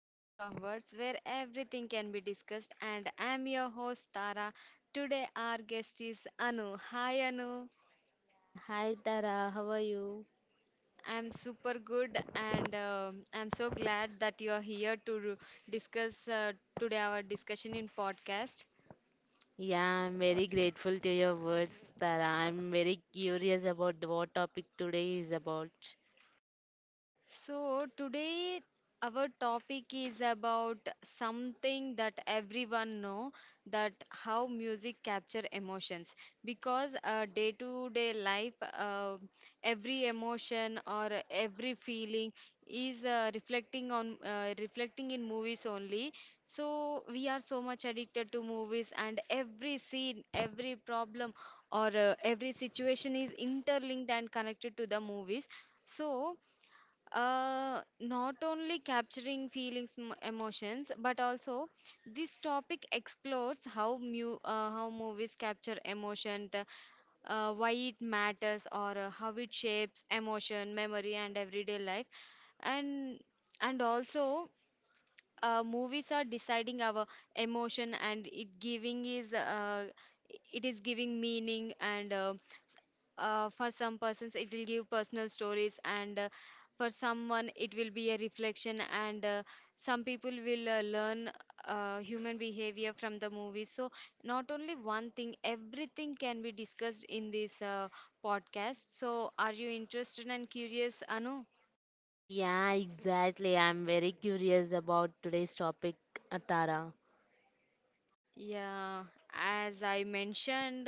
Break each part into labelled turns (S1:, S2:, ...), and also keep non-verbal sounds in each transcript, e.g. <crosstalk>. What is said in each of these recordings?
S1: Canvas of Words, where everything can be discussed. And I'm your host, Tara. Today, our guest is Anu. Hi, Anu.
S2: Hi Tara, how are you?
S1: I'm super good, and I'm so glad that you're here to discuss today our discussion in podcast.
S2: Yeah, I'm very grateful to your words, Tara. I'm very curious about what topic today is about.
S1: Today our topic is about something that everyone know, that how music capture emotions because day to day life, uh, every emotion or every feeling is reflecting on, reflecting in movies only. So we are so much addicted to movies, and every scene, every problem, or every situation is interlinked and connected to the movies. So not only capturing feelings, emotions, but also this topic explores how how movies capture emotion, why it matters, or how it shapes emotion, memory, and everyday life, and and also movies are deciding our emotion, and it giving is it is giving meaning, and for some persons, it will give personal stories, and for someone, it will be a reflection. And some people will learn human behavior from the movie. So, not only one thing, everything can be discussed in this podcast. So, are you interested and curious, Anu?
S2: Yeah, exactly. I'm very curious about today's topic, Tara.
S1: Yeah, as I mentioned.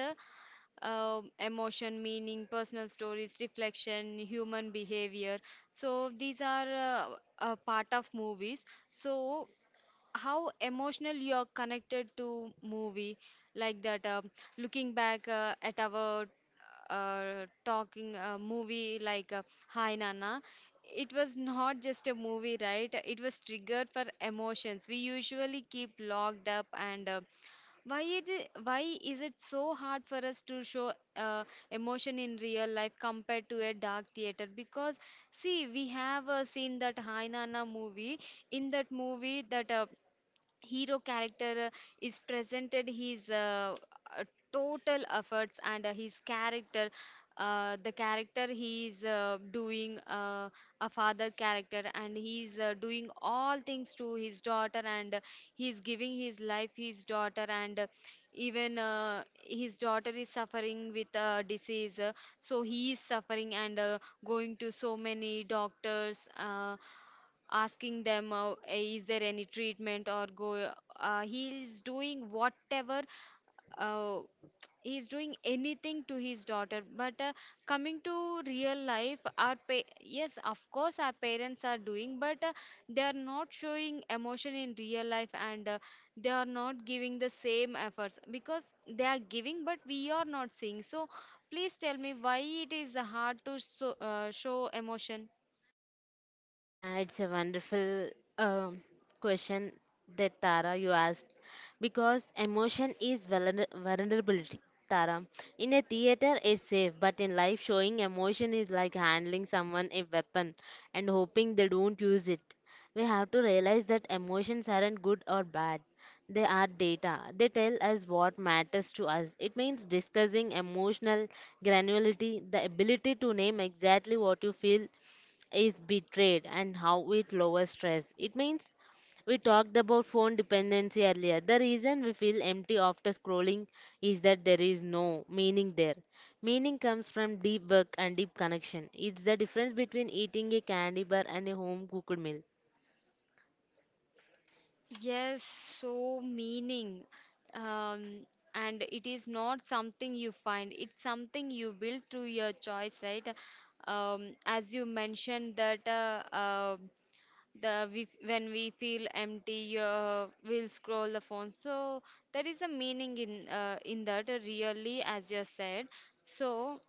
S1: Emotion, meaning, personal stories, reflection, human behavior. So these are a part of movies. So how emotional you are connected to movie, like that? Looking back at our talking movie like Hi Nana, it was not just a movie, right? It was triggered for emotions. We usually keep locked up, and why why is it so hard for us to show emotion in real life compared to a dark theater? Because see, we have seen that Hainana movie. In that movie, that hero character is presented his uh, total efforts, and his character, the character he is doing a father character, and he is doing all things to his daughter, and he is giving his life his daughter, and even his daughter is suffering with a disease, so he is suffering, and going to so many doctors, asking them, is there any treatment or go, he is doing whatever, uh, he is doing anything to his daughter, but coming to real life, yes of course our parents are doing, but they are not showing emotion in real life, and they are not giving the same efforts because they are giving but we are not seeing. So please tell me why it is hard to show emotion.
S2: Yeah, it's a wonderful um, question that Tara you asked because emotion is vulnerability. Tara, in a theater it's safe, but in life showing emotion is like handling someone a weapon and hoping they don't use it. We have to realize that emotions aren't good or bad. They are data. They tell us what matters to us. It means discussing emotional granularity, the ability to name exactly what you feel is betrayed and how it lowers stress. It means we talked about phone dependency earlier. The reason we feel empty after scrolling is that there is no meaning there. Meaning comes from deep work and deep connection. It's the difference between eating a candy bar and a home cooked meal.
S1: Yes, so meaning. Um, and it is not something you find, it's something you build through your choice, right? As you mentioned that when we feel empty, we'll scroll the phone. So there is a meaning in that really, as you said. So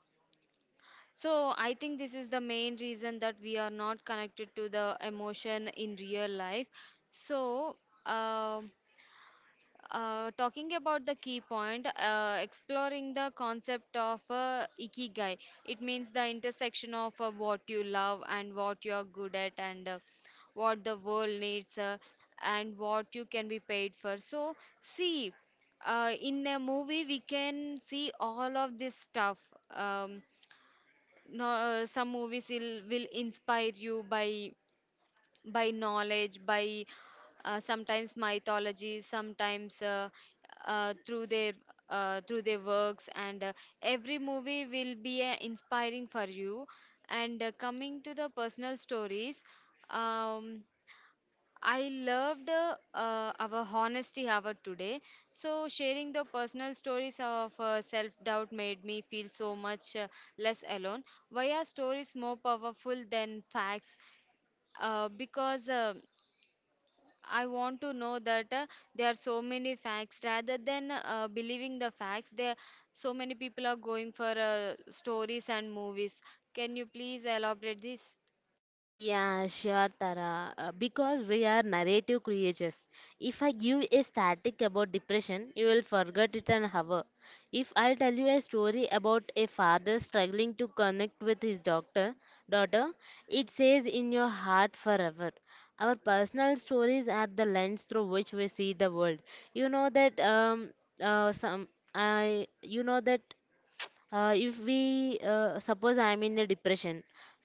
S1: so I think this is the main reason that we are not connected to the emotion in real life. So. um Talking about the key point, exploring the concept of ikigai. It means the intersection of what you love and what you are good at, and what the world needs, and what you can be paid for. So, see, in a movie, we can see all of this stuff. Um, no, some movies will inspire you by knowledge, by sometimes mythology, sometimes uh, through their through their works, and every movie will be inspiring for you. And coming to the personal stories, um, I loved our honesty hour today. So sharing the personal stories of self-doubt made me feel so much less alone. Why are stories more powerful than facts? Because I want to know that there are so many facts rather than believing the facts. There, so many people are going for stories and movies. Can you please elaborate this?
S2: Yeah, sure, Tara. Because we are narrative creatures. If I give a static about depression, you will forget it an hour. If I tell you a story about a father struggling to connect with his doctor, daughter, it stays in your heart forever. Our personal stories are the lens through which we see the world. You know that some I you know that if we suppose I'm in a depression,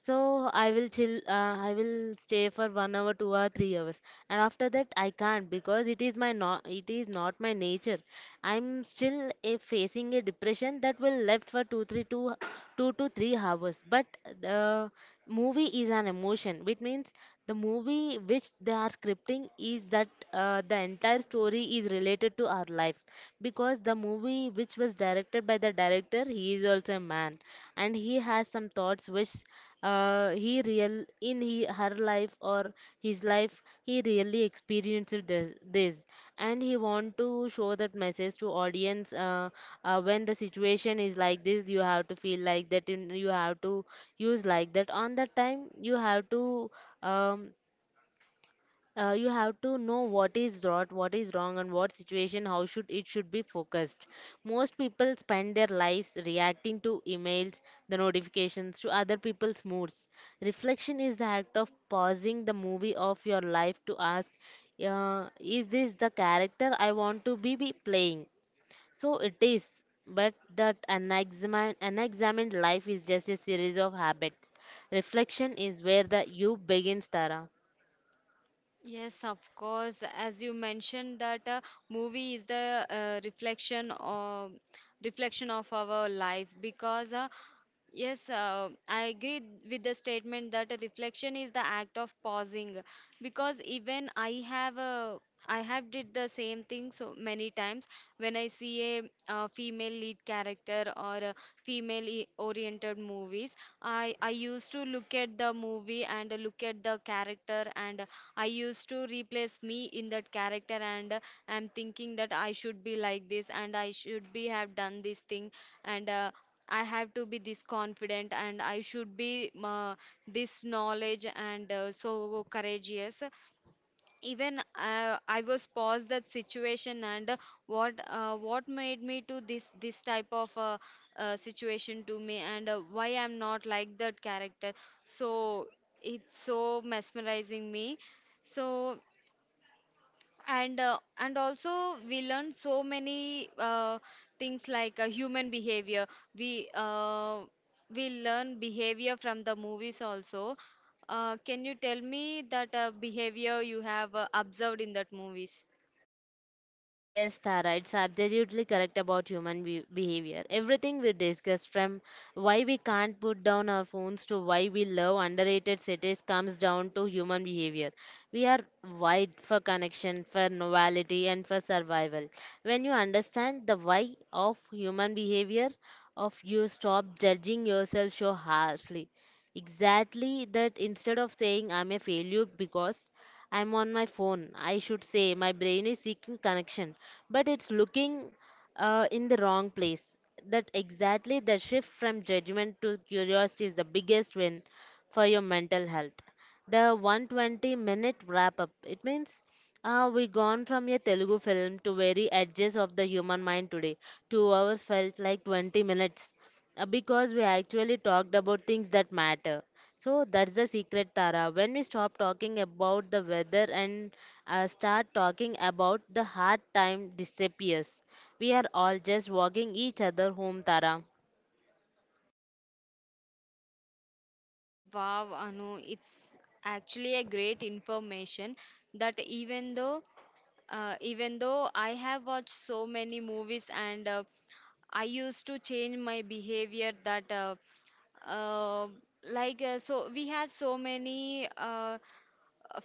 S2: so I will chill, I will stay for 1 hour 2 hour 3 hours, and after that I can't because it is my not it is not my nature. I'm still facing a depression that will left for 2 to 3 hours. But the movie is an emotion, which means the movie which they are scripting is that, the entire story is related to our life, because the movie which was directed by the director, he is also a man, and he has some thoughts which, he real in he, her life or his life, he really experienced this and he want to show that message to audience. When the situation is like this, you have to feel like that, you have to use like that. On that time you have to um, know what is right, what is wrong, and what situation, how should it should be focused. Most people spend their lives reacting to emails, the notifications, to other people's moods. Reflection is the act of pausing the movie of your life to ask, is this the character I want to be playing? So it is. But that unexamined life is just a series of habits. Reflection is where the you begins, Tara.
S1: Yes, of course. As you mentioned that movie is the reflection of our life because yes, I agree with the statement that a reflection is the act of pausing, because even I have a I have did the same thing so many times when I see a, female lead character or a oriented movies, I used to look at the movie and look at the character, and I used to replace me in that character, and I'm thinking that I should be like this and I should be have done this thing, and I have to be this confident and I should be this knowledge and so courageous. Even I was paused that situation, and what made me to this type of situation to me, and why I'm not like that character. So it's so mesmerizing me. So and also we learn so many things like human behavior. we uh, we learn behavior from the movies also. Can you tell me that behavior you have observed in that movies?
S2: Yes, Tara, it's absolutely correct about human behavior. Everything we discuss, from why we can't put down our phones to why we love underrated cities, comes down to human behavior. We are wired for connection, for novelty, and for survival. When you understand the why of human behavior, of you stop judging yourself so harshly. Exactly that instead of saying I'm a failure because I'm on my phone. I should say my brain is seeking connection, but it's looking, in the wrong place. That exactly the shift from judgment to curiosity is the biggest win for your mental health. The 120-minute wrap up. It means, we gone from a Telugu film to very edges of the human mind today. 2 hours felt like 20 minutes. Because we actually talked about things that matter. So that's the secret, Tara. When we stop talking about the weather and, start talking about the hard time disappears. We are all just walking each other home, Tara.
S1: Wow, Anu, it's actually a great information that even though I have watched so many movies, and I used to change my behavior that Uh, like so we have so many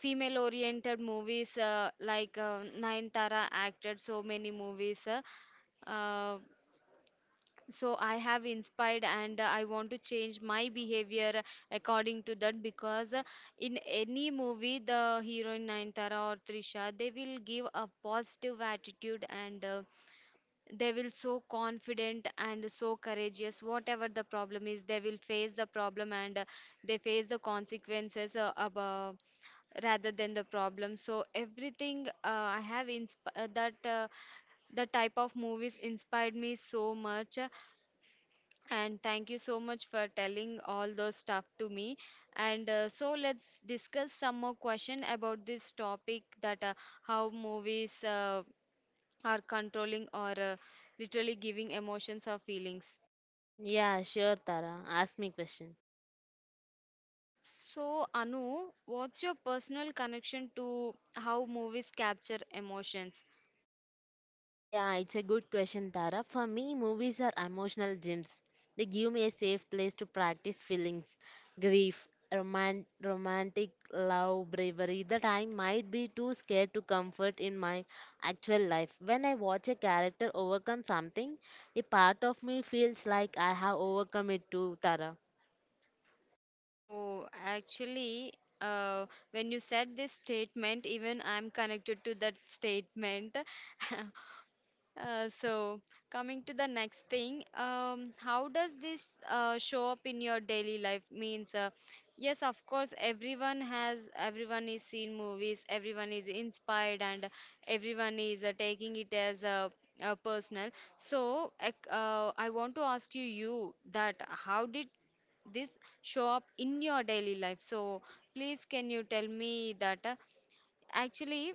S1: female oriented movies like Nayanthara acted so many movies, uh, so I have inspired, and I want to change my behavior according to that because in any movie the heroine Nayanthara or Trisha, they will give a positive attitude, and they will so confident and so courageous. Whatever the problem is, they will face the problem, and they face the consequences above rather than the problem. So everything I have insp- that the type of movies inspired me so much. And thank you so much for telling all those stuff to me. And so let's discuss some more question about this topic, that how movies are controlling, or literally giving emotions or feelings.
S2: Yeah, sure, Tara. Ask me question.
S1: So, Anu, what's your personal connection to how movies capture emotions?
S2: Yeah, it's a good question, Tara. For me, movies are emotional gyms. They give me a safe place to practice feelings, grief, romantic love, bravery that I might be too scared to comfort in my actual life. When I watch a character overcome something, a part of me feels like I have overcome it too, Tara.
S1: Oh, actually, uh, when you said this statement, even I'm connected to that statement. <laughs> So coming to the next thing, how does this show up in your daily life? Means, yes, of course, everyone has, everyone is seen movies, everyone is inspired, and everyone is taking it as a personal. So, I want to ask you that how did this show up in your daily life? So, please, can you tell me that? Actually,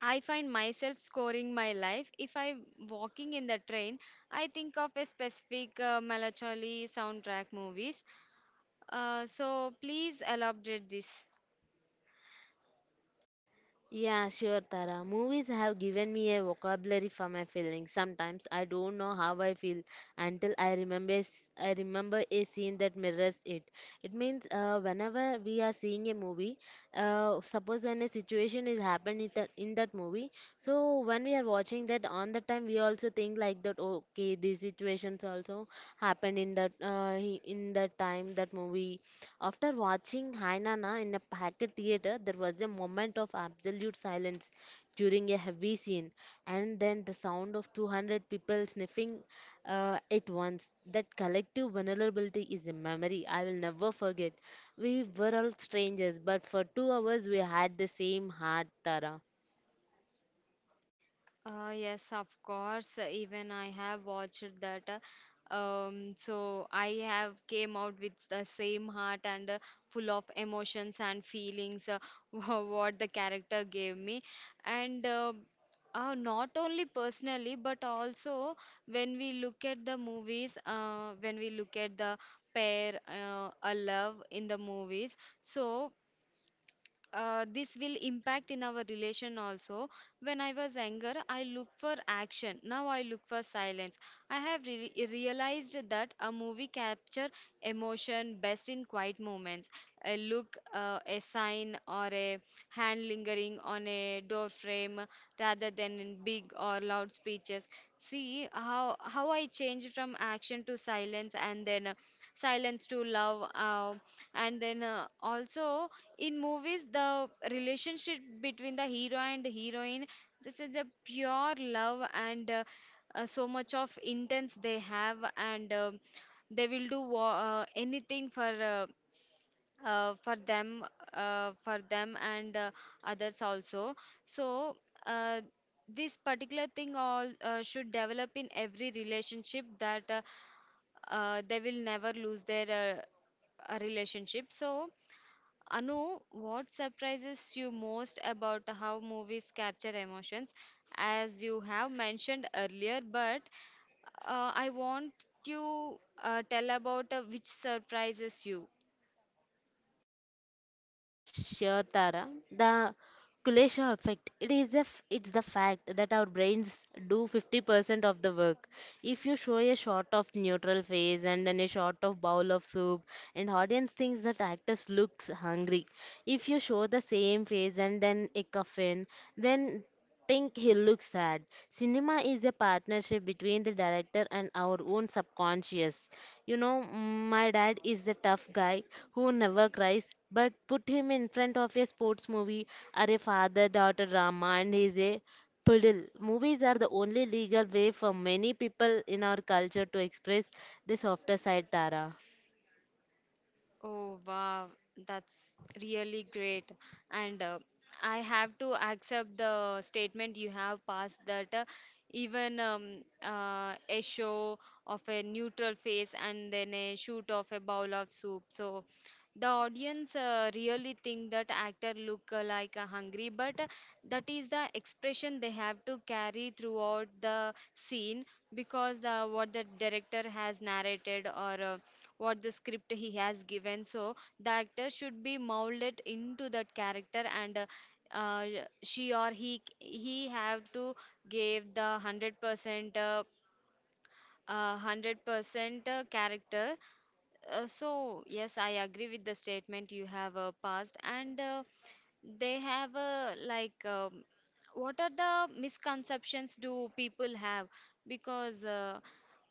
S1: I find myself scoring my life. If I'm walking in the train, I think of a specific melancholy soundtrack movies. So please elaborate this.
S2: Yeah, sure, Tara. Movies have given me a vocabulary for my feelings. Sometimes I don't know how I feel until I remember a scene that mirrors it. It means, whenever we are seeing a movie, suppose when a situation is happened in that movie, so when we are watching that on the time, we also think like that. Okay, these situations also happened in that, in that time that movie. After watching Hainana in a packed theater, there was a moment of absolute silence during a heavy scene, and then the sound of 200 people sniffing, at once. That collective vulnerability is a memory I will never forget. We were all strangers, but for 2 hours we had the same heart, Tara.
S1: Yes, of course. Even I have watched that. So I have came out with the same heart, and full of emotions and feelings, <laughs> wha- what the character gave me, and not only personally but also when we look at the movies, when we look at the pair, a love in the movies, so this will impact in our relation also. When I was younger I look for action, now I look for silence. I have realized that a movie capture emotion best in quiet moments, a look, a sign, or a hand lingering on a door frame, rather than in big or loud speeches. See how I changed from action to silence, and then silence to love, and then also in movies the relationship between the hero and heroine, this is the pure love, and so much of intense they have, and they will do anything for them for them, and others also. So uh, this particular thing all should develop in every relationship, that they will never lose their relationship. So Anu, what surprises you most about how movies capture emotions? As you have mentioned earlier, but I want you tell about which surprises you.
S2: Sure, Tara. The Kulesha effect. It's the fact that our brains do 50% of the work. If you show a shot of neutral face and then a shot of bowl of soup, and audience thinks that actors looks hungry. If you show the same face and then a coffin, then think he looks sad. Cinema is a partnership between the director and our own subconscious. You know, my dad is a tough guy who never cries, but put him in front of a sports movie or a father daughter drama, and he's a puddle. Movies are the only legal way for many people in our culture to express the softer side, Tara.
S1: Oh, wow, that's really great. And I have to accept the statement you have passed that even a show of a neutral face and then a shoot of a bowl of soup. So the audience really think that actor look like a hungry, but that is the expression they have to carry throughout the scene because the what the director has narrated or what the script he has given. So the actor should be molded into that character and she or he have to give the 100% 100% character. So yes, I agree with the statement you have passed. And they have a like what are the misconceptions do people have? Because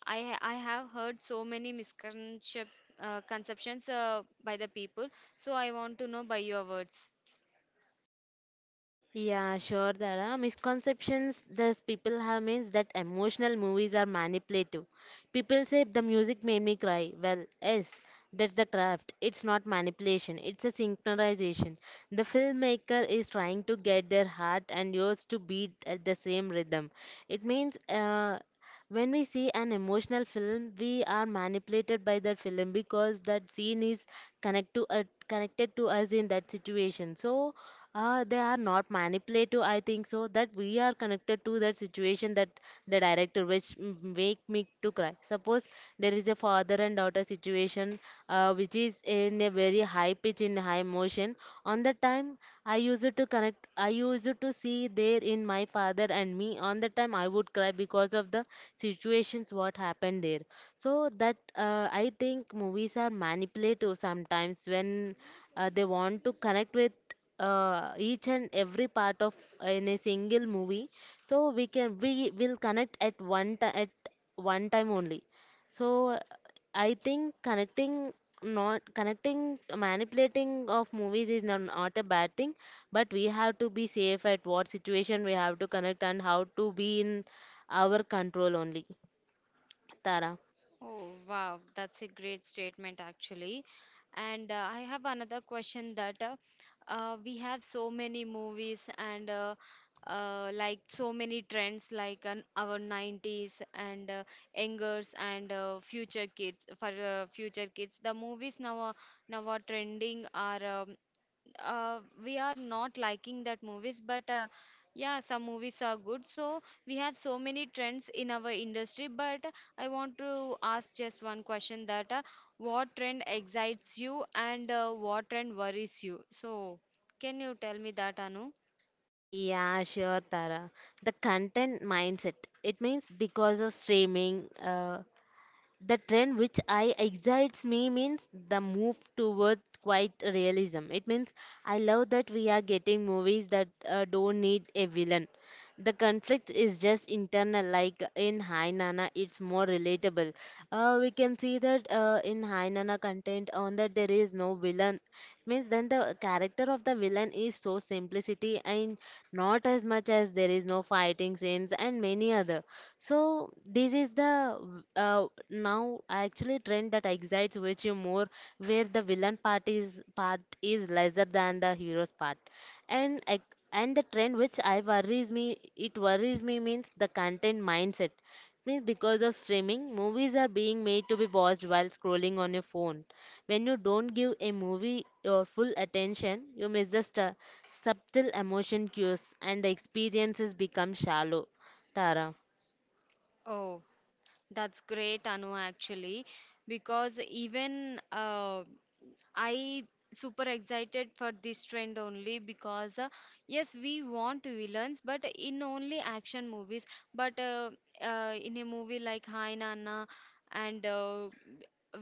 S1: I have heard so many misconceptions conceptions by the people. So I want to know by your words.
S2: Yeah, sure. There are misconceptions that people have means that emotional movies are manipulative. People say the music made me cry. Well, yes, that's the craft. It's not manipulation, it's a synchronization. The filmmaker is trying to get their heart and yours to beat at the same rhythm. It means, when we see an emotional film, we are manipulated by that film because that scene is connect to, connected to us in that situation. So, they are not manipulative, I think so, that we are connected to that situation. That the director which make me to cry, suppose there is a father and daughter situation, which is in a very high pitch in high motion. On the time I used to connect, I used to see there in my father and me. On the time I would cry because of the situations what happened there. So that, I think movies are manipulative sometimes when, they want to connect with, each and every part of, in a single movie. So we can we will connect at at one time only. So, I think connecting, not connecting, manipulating of movies is not a bad thing. But we have to be safe at what situation we have to connect and how to be in our control only, Tara.
S1: Oh, wow, that's a great statement actually. And I have another question that we have so many movies and like so many trends like on our 90s and youngers and future kids for future kids. The movies now are trending are uh, we are not liking that movies but yeah, some movies are good. So we have so many trends in our industry, but I want to ask just one question that what trend excites you and what trend worries you? So can you tell me that, Anu?
S2: Yeah, sure, Tara. The content mindset. It means because of streaming, the trend which I excites me means the move toward quite realism. It means I love that we are getting movies that, don't need a villain. The conflict is just internal, like in Hai Nana, it's more relatable. We can see that, in Hai Nana content on that there is no villain. It means then the character of the villain is so simplicity and not as much as there is no fighting scenes and many other. So this is the, now actually trend that excites which you more, where the villain part is lesser than the hero's part. And I- and the trend which I worries me, it worries me means the content mindset. Means because of streaming, movies are being made to be watched while scrolling on your phone. When you don't give a movie your full attention, you miss the subtle emotion cues and the experiences become shallow, Tara.
S1: Oh, that's great, Anu, actually. Because even I super excited for this trend only because yes, we want villains but in only action movies. But In a movie like Hi Nana, and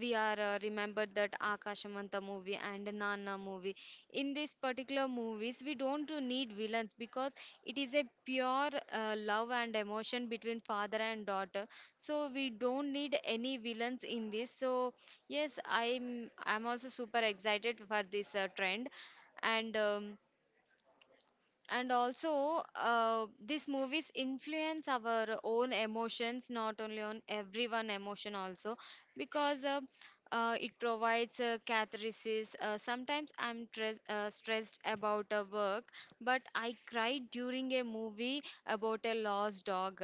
S1: we are remembered that Akashamanta movie and Nana movie. In these particular movies, we don't need villains because it is a pure love and emotion between father and daughter. So we don't need any villains in this. So yes, I'm also super excited for this trend. and um, and also these movies influence our own emotions, not only on everyone emotion also. Because It provides catharsis. Sometimes I'm stressed about a work, but I cried during a movie about a lost dog.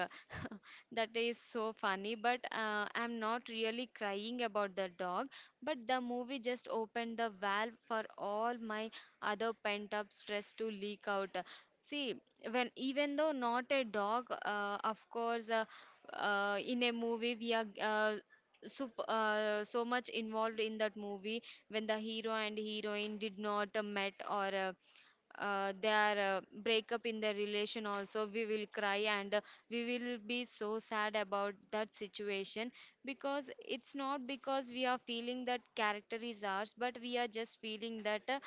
S1: That is so funny, but I'm not really crying about the dog. But the movie just opened the valve for all my other pent up stress to leak out. See, when even though not a dog, in a movie we are so much involved in that movie. When the hero and heroine did not met or their breakup in their relation also, we will cry and we will be so sad about that situation. Because it's not because we are feeling that character is ours, but we are just feeling that uh,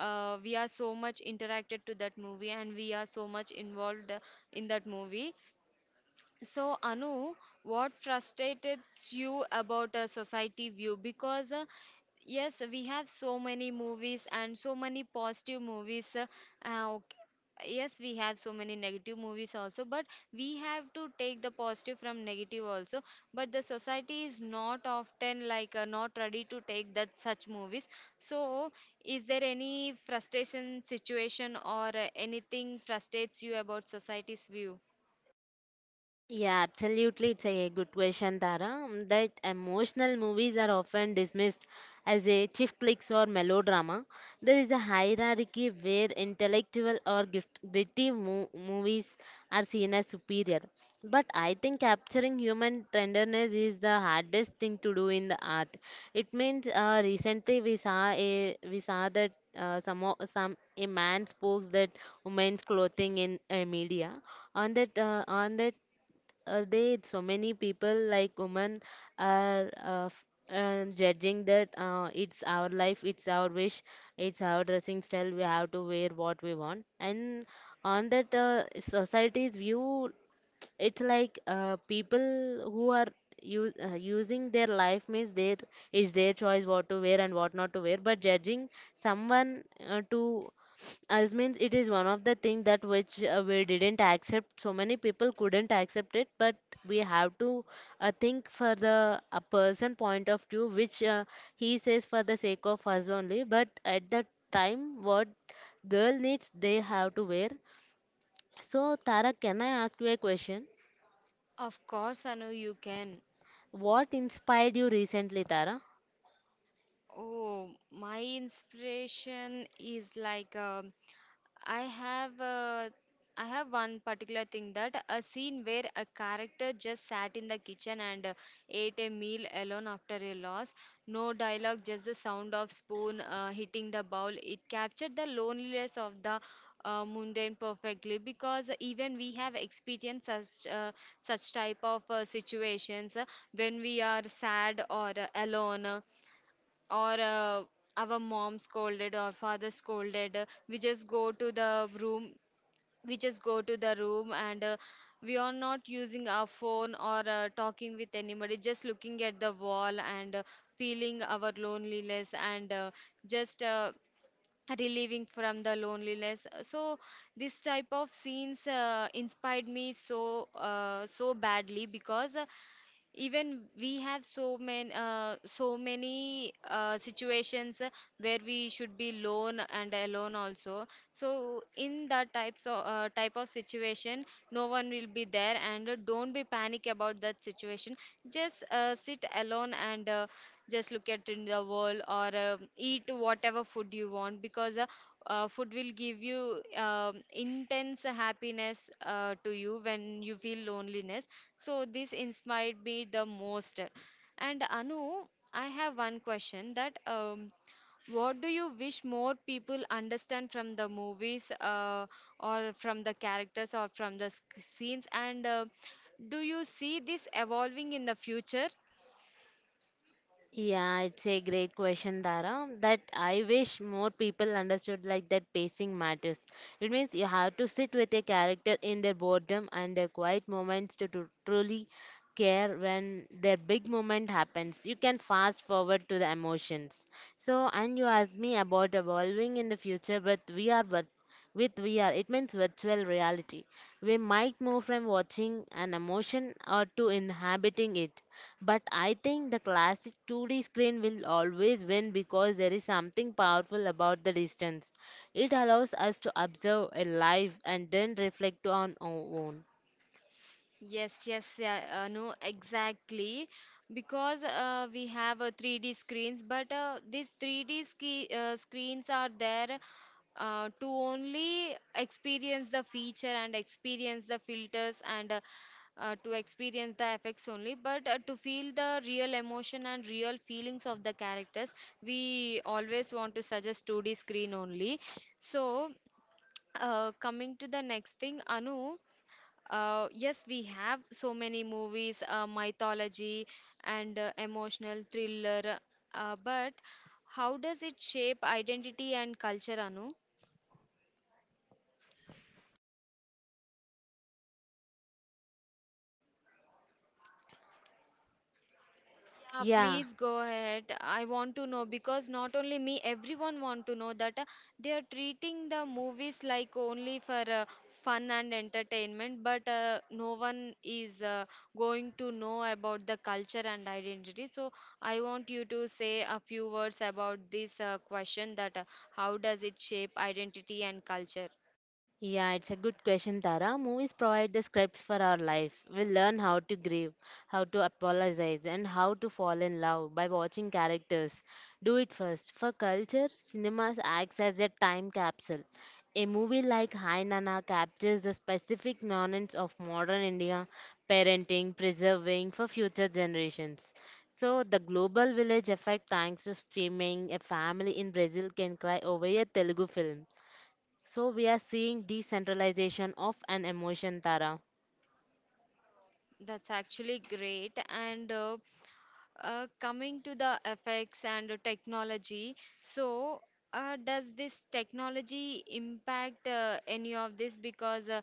S1: uh, we are so much interacted to that movie and we are so much involved in that movie. So Anu, what frustrates you about a society view? Because Yes, we have so many movies and so many positive movies. Okay. Yes, we have so many negative movies also, but we have to take the positive from negative also. But the society is not often like not ready to take that such movies. So, is there any frustration situation or anything frustrates you about society's view?
S2: Yeah, absolutely. It's a good question, Tara. That emotional movies are often dismissed as a chief flicks or melodrama. There is a hierarchy where intellectual or gritty movies are seen as superior. But I think capturing human tenderness is the hardest thing to do in the art. It means, recently we saw that, some a man spoke that women's clothing in, media. On that, they, so many people like women are, judging that, it's our life, it's our wish, it's our dressing style. We have to wear what we want. And on that, society's view, it's like, people who are using their life means their, it's their choice what to wear and what not to wear. But judging someone, to us, means it is one of the thing that which, we didn't accept, so many people couldn't accept it. But we have to, think for the a person point of view which, he says for the sake of us only, but at that time what girl needs they have to wear. So Tara, can I ask you a question?
S1: Of course, Anu, you can.
S2: What inspired you recently, Tara?
S1: Oh, my inspiration is like I have uh, I have one particular thing that a scene where a character just sat in the kitchen and ate a meal alone after a loss. No dialogue, just the sound of spoon hitting the bowl. It captured the loneliness of the mundane perfectly, because even we have experienced such such type of situations when we are sad or alone or our mom scolded or father scolded. We just go to the room and we are not using our phone or talking with anybody, just looking at the wall and feeling our loneliness and just relieving from the loneliness. So this type of scenes inspired me so so badly, because even we have so many so many situations where we should be lone and alone also. So in that types of type of situation, no one will be there and don't be panic about that situation. Just sit alone and just look at in the world or eat whatever food you want, because food will give you intense happiness to you when you feel loneliness. So this inspired me the most. And Anu, I have one question that what do you wish more people understand from the movies or from the characters or from the scenes? And do you see this evolving in the future?
S2: Yeah, it's a great question, Tara. That I wish more people understood like that pacing matters. It means you have to sit with a character in their boredom and their quiet moments to truly care when their big moment happens. You can fast forward to the emotions. So, and you asked me about evolving in the future, but we are but with VR, it means virtual reality. We might move from watching an emotion or to inhabiting it. But I think the classic 2D screen will always win because there is something powerful about the distance. It allows us to observe a life and then reflect on our own.
S1: Yes, yes, yeah, no, exactly. Because we have 3D screens, but these 3D screens are there to only experience the feature and experience the filters and to experience the effects only, but to feel the real emotion and real feelings of the characters, we always want to suggest 2D screen only. So, coming to the next thing, Anu. Yes, we have so many movies, mythology and emotional thriller. But how does it shape identity and culture, Anu? Yeah,
S2: Yeah.
S1: please go ahead. I want to know, because not only me, everyone want to know that they are treating the movies like only for fun and entertainment, but no one is going to know about the culture and identity. So I want you to say a few words about this question that how does it shape identity and culture?
S2: Yeah, it's a good question, Tara. Movies provide the scripts for our life. We learn how to grieve, how to apologize, and how to fall in love by watching characters. Do it first. For culture, cinema acts as a time capsule. A movie like Hai Nana captures the specific nuance of modern India, parenting, preserving for future generations. So, the global village effect, thanks to streaming, a family in Brazil can cry over a Telugu film. So we are seeing decentralization of an emotion, Tara.
S1: That's actually great. And coming to the effects and the technology, so does this technology impact any of this? Because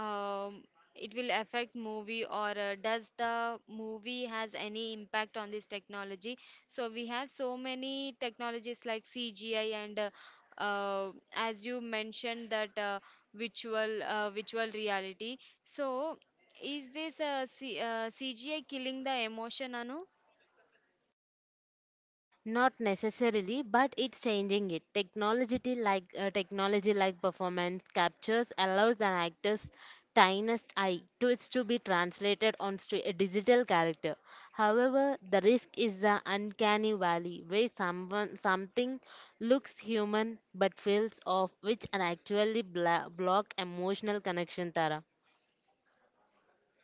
S1: um, it will affect movie or does the movie has any impact on this technology? So we have so many technologies like cgi and as you mentioned that virtual reality. So is this C cgi killing the emotion, Anu?
S2: Not necessarily, but it's changing it. Technology like performance captures allows an actor's tiniest eye to it's to be translated onto a digital character. However, the risk is the uncanny valley where someone something looks human but feels off, which an actually block emotional connection, Tara.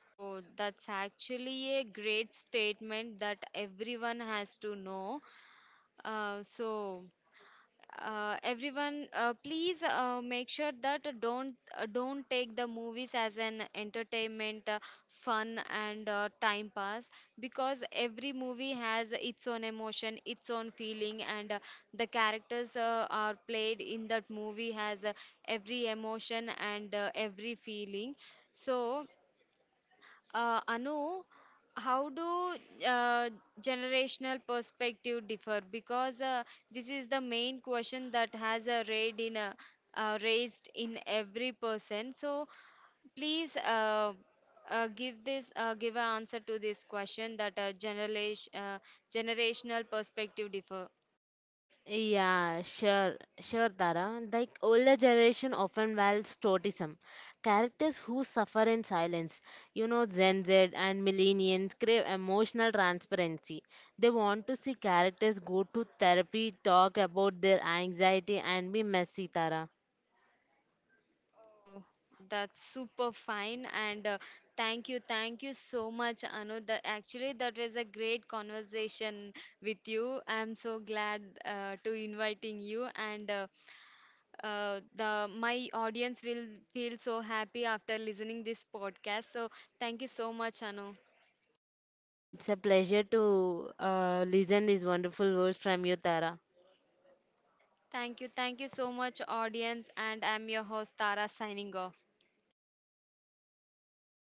S1: Oh, that's actually a great statement that everyone has to know. So, everyone please make sure that don't take the movies as an entertainment, fun and time pass, because every movie has its own emotion, its own feeling and the characters are played in that movie has every emotion and every feeling. So Anu, how do uh, generational perspective differ? Because this is the main question that has raised in every person. So please give an answer to this question that generational perspective differ.
S2: Yeah, sure, sure, Tara. Like older generation often values totism, characters who suffer in silence. You know, Gen Z and millennials crave emotional transparency. They want to see characters go to therapy, talk about their anxiety, and be messy, Tara.
S1: Oh, that's super fine. And thank you so much, Anu. That actually that was a great conversation with you. I'm so glad to inviting you, and the my audience will feel so happy after listening this podcast. So thank you so much, Anu.
S2: It's a pleasure to listen these wonderful words from you, Tara.
S1: Thank you so much, audience. And I'm your host Tara signing off.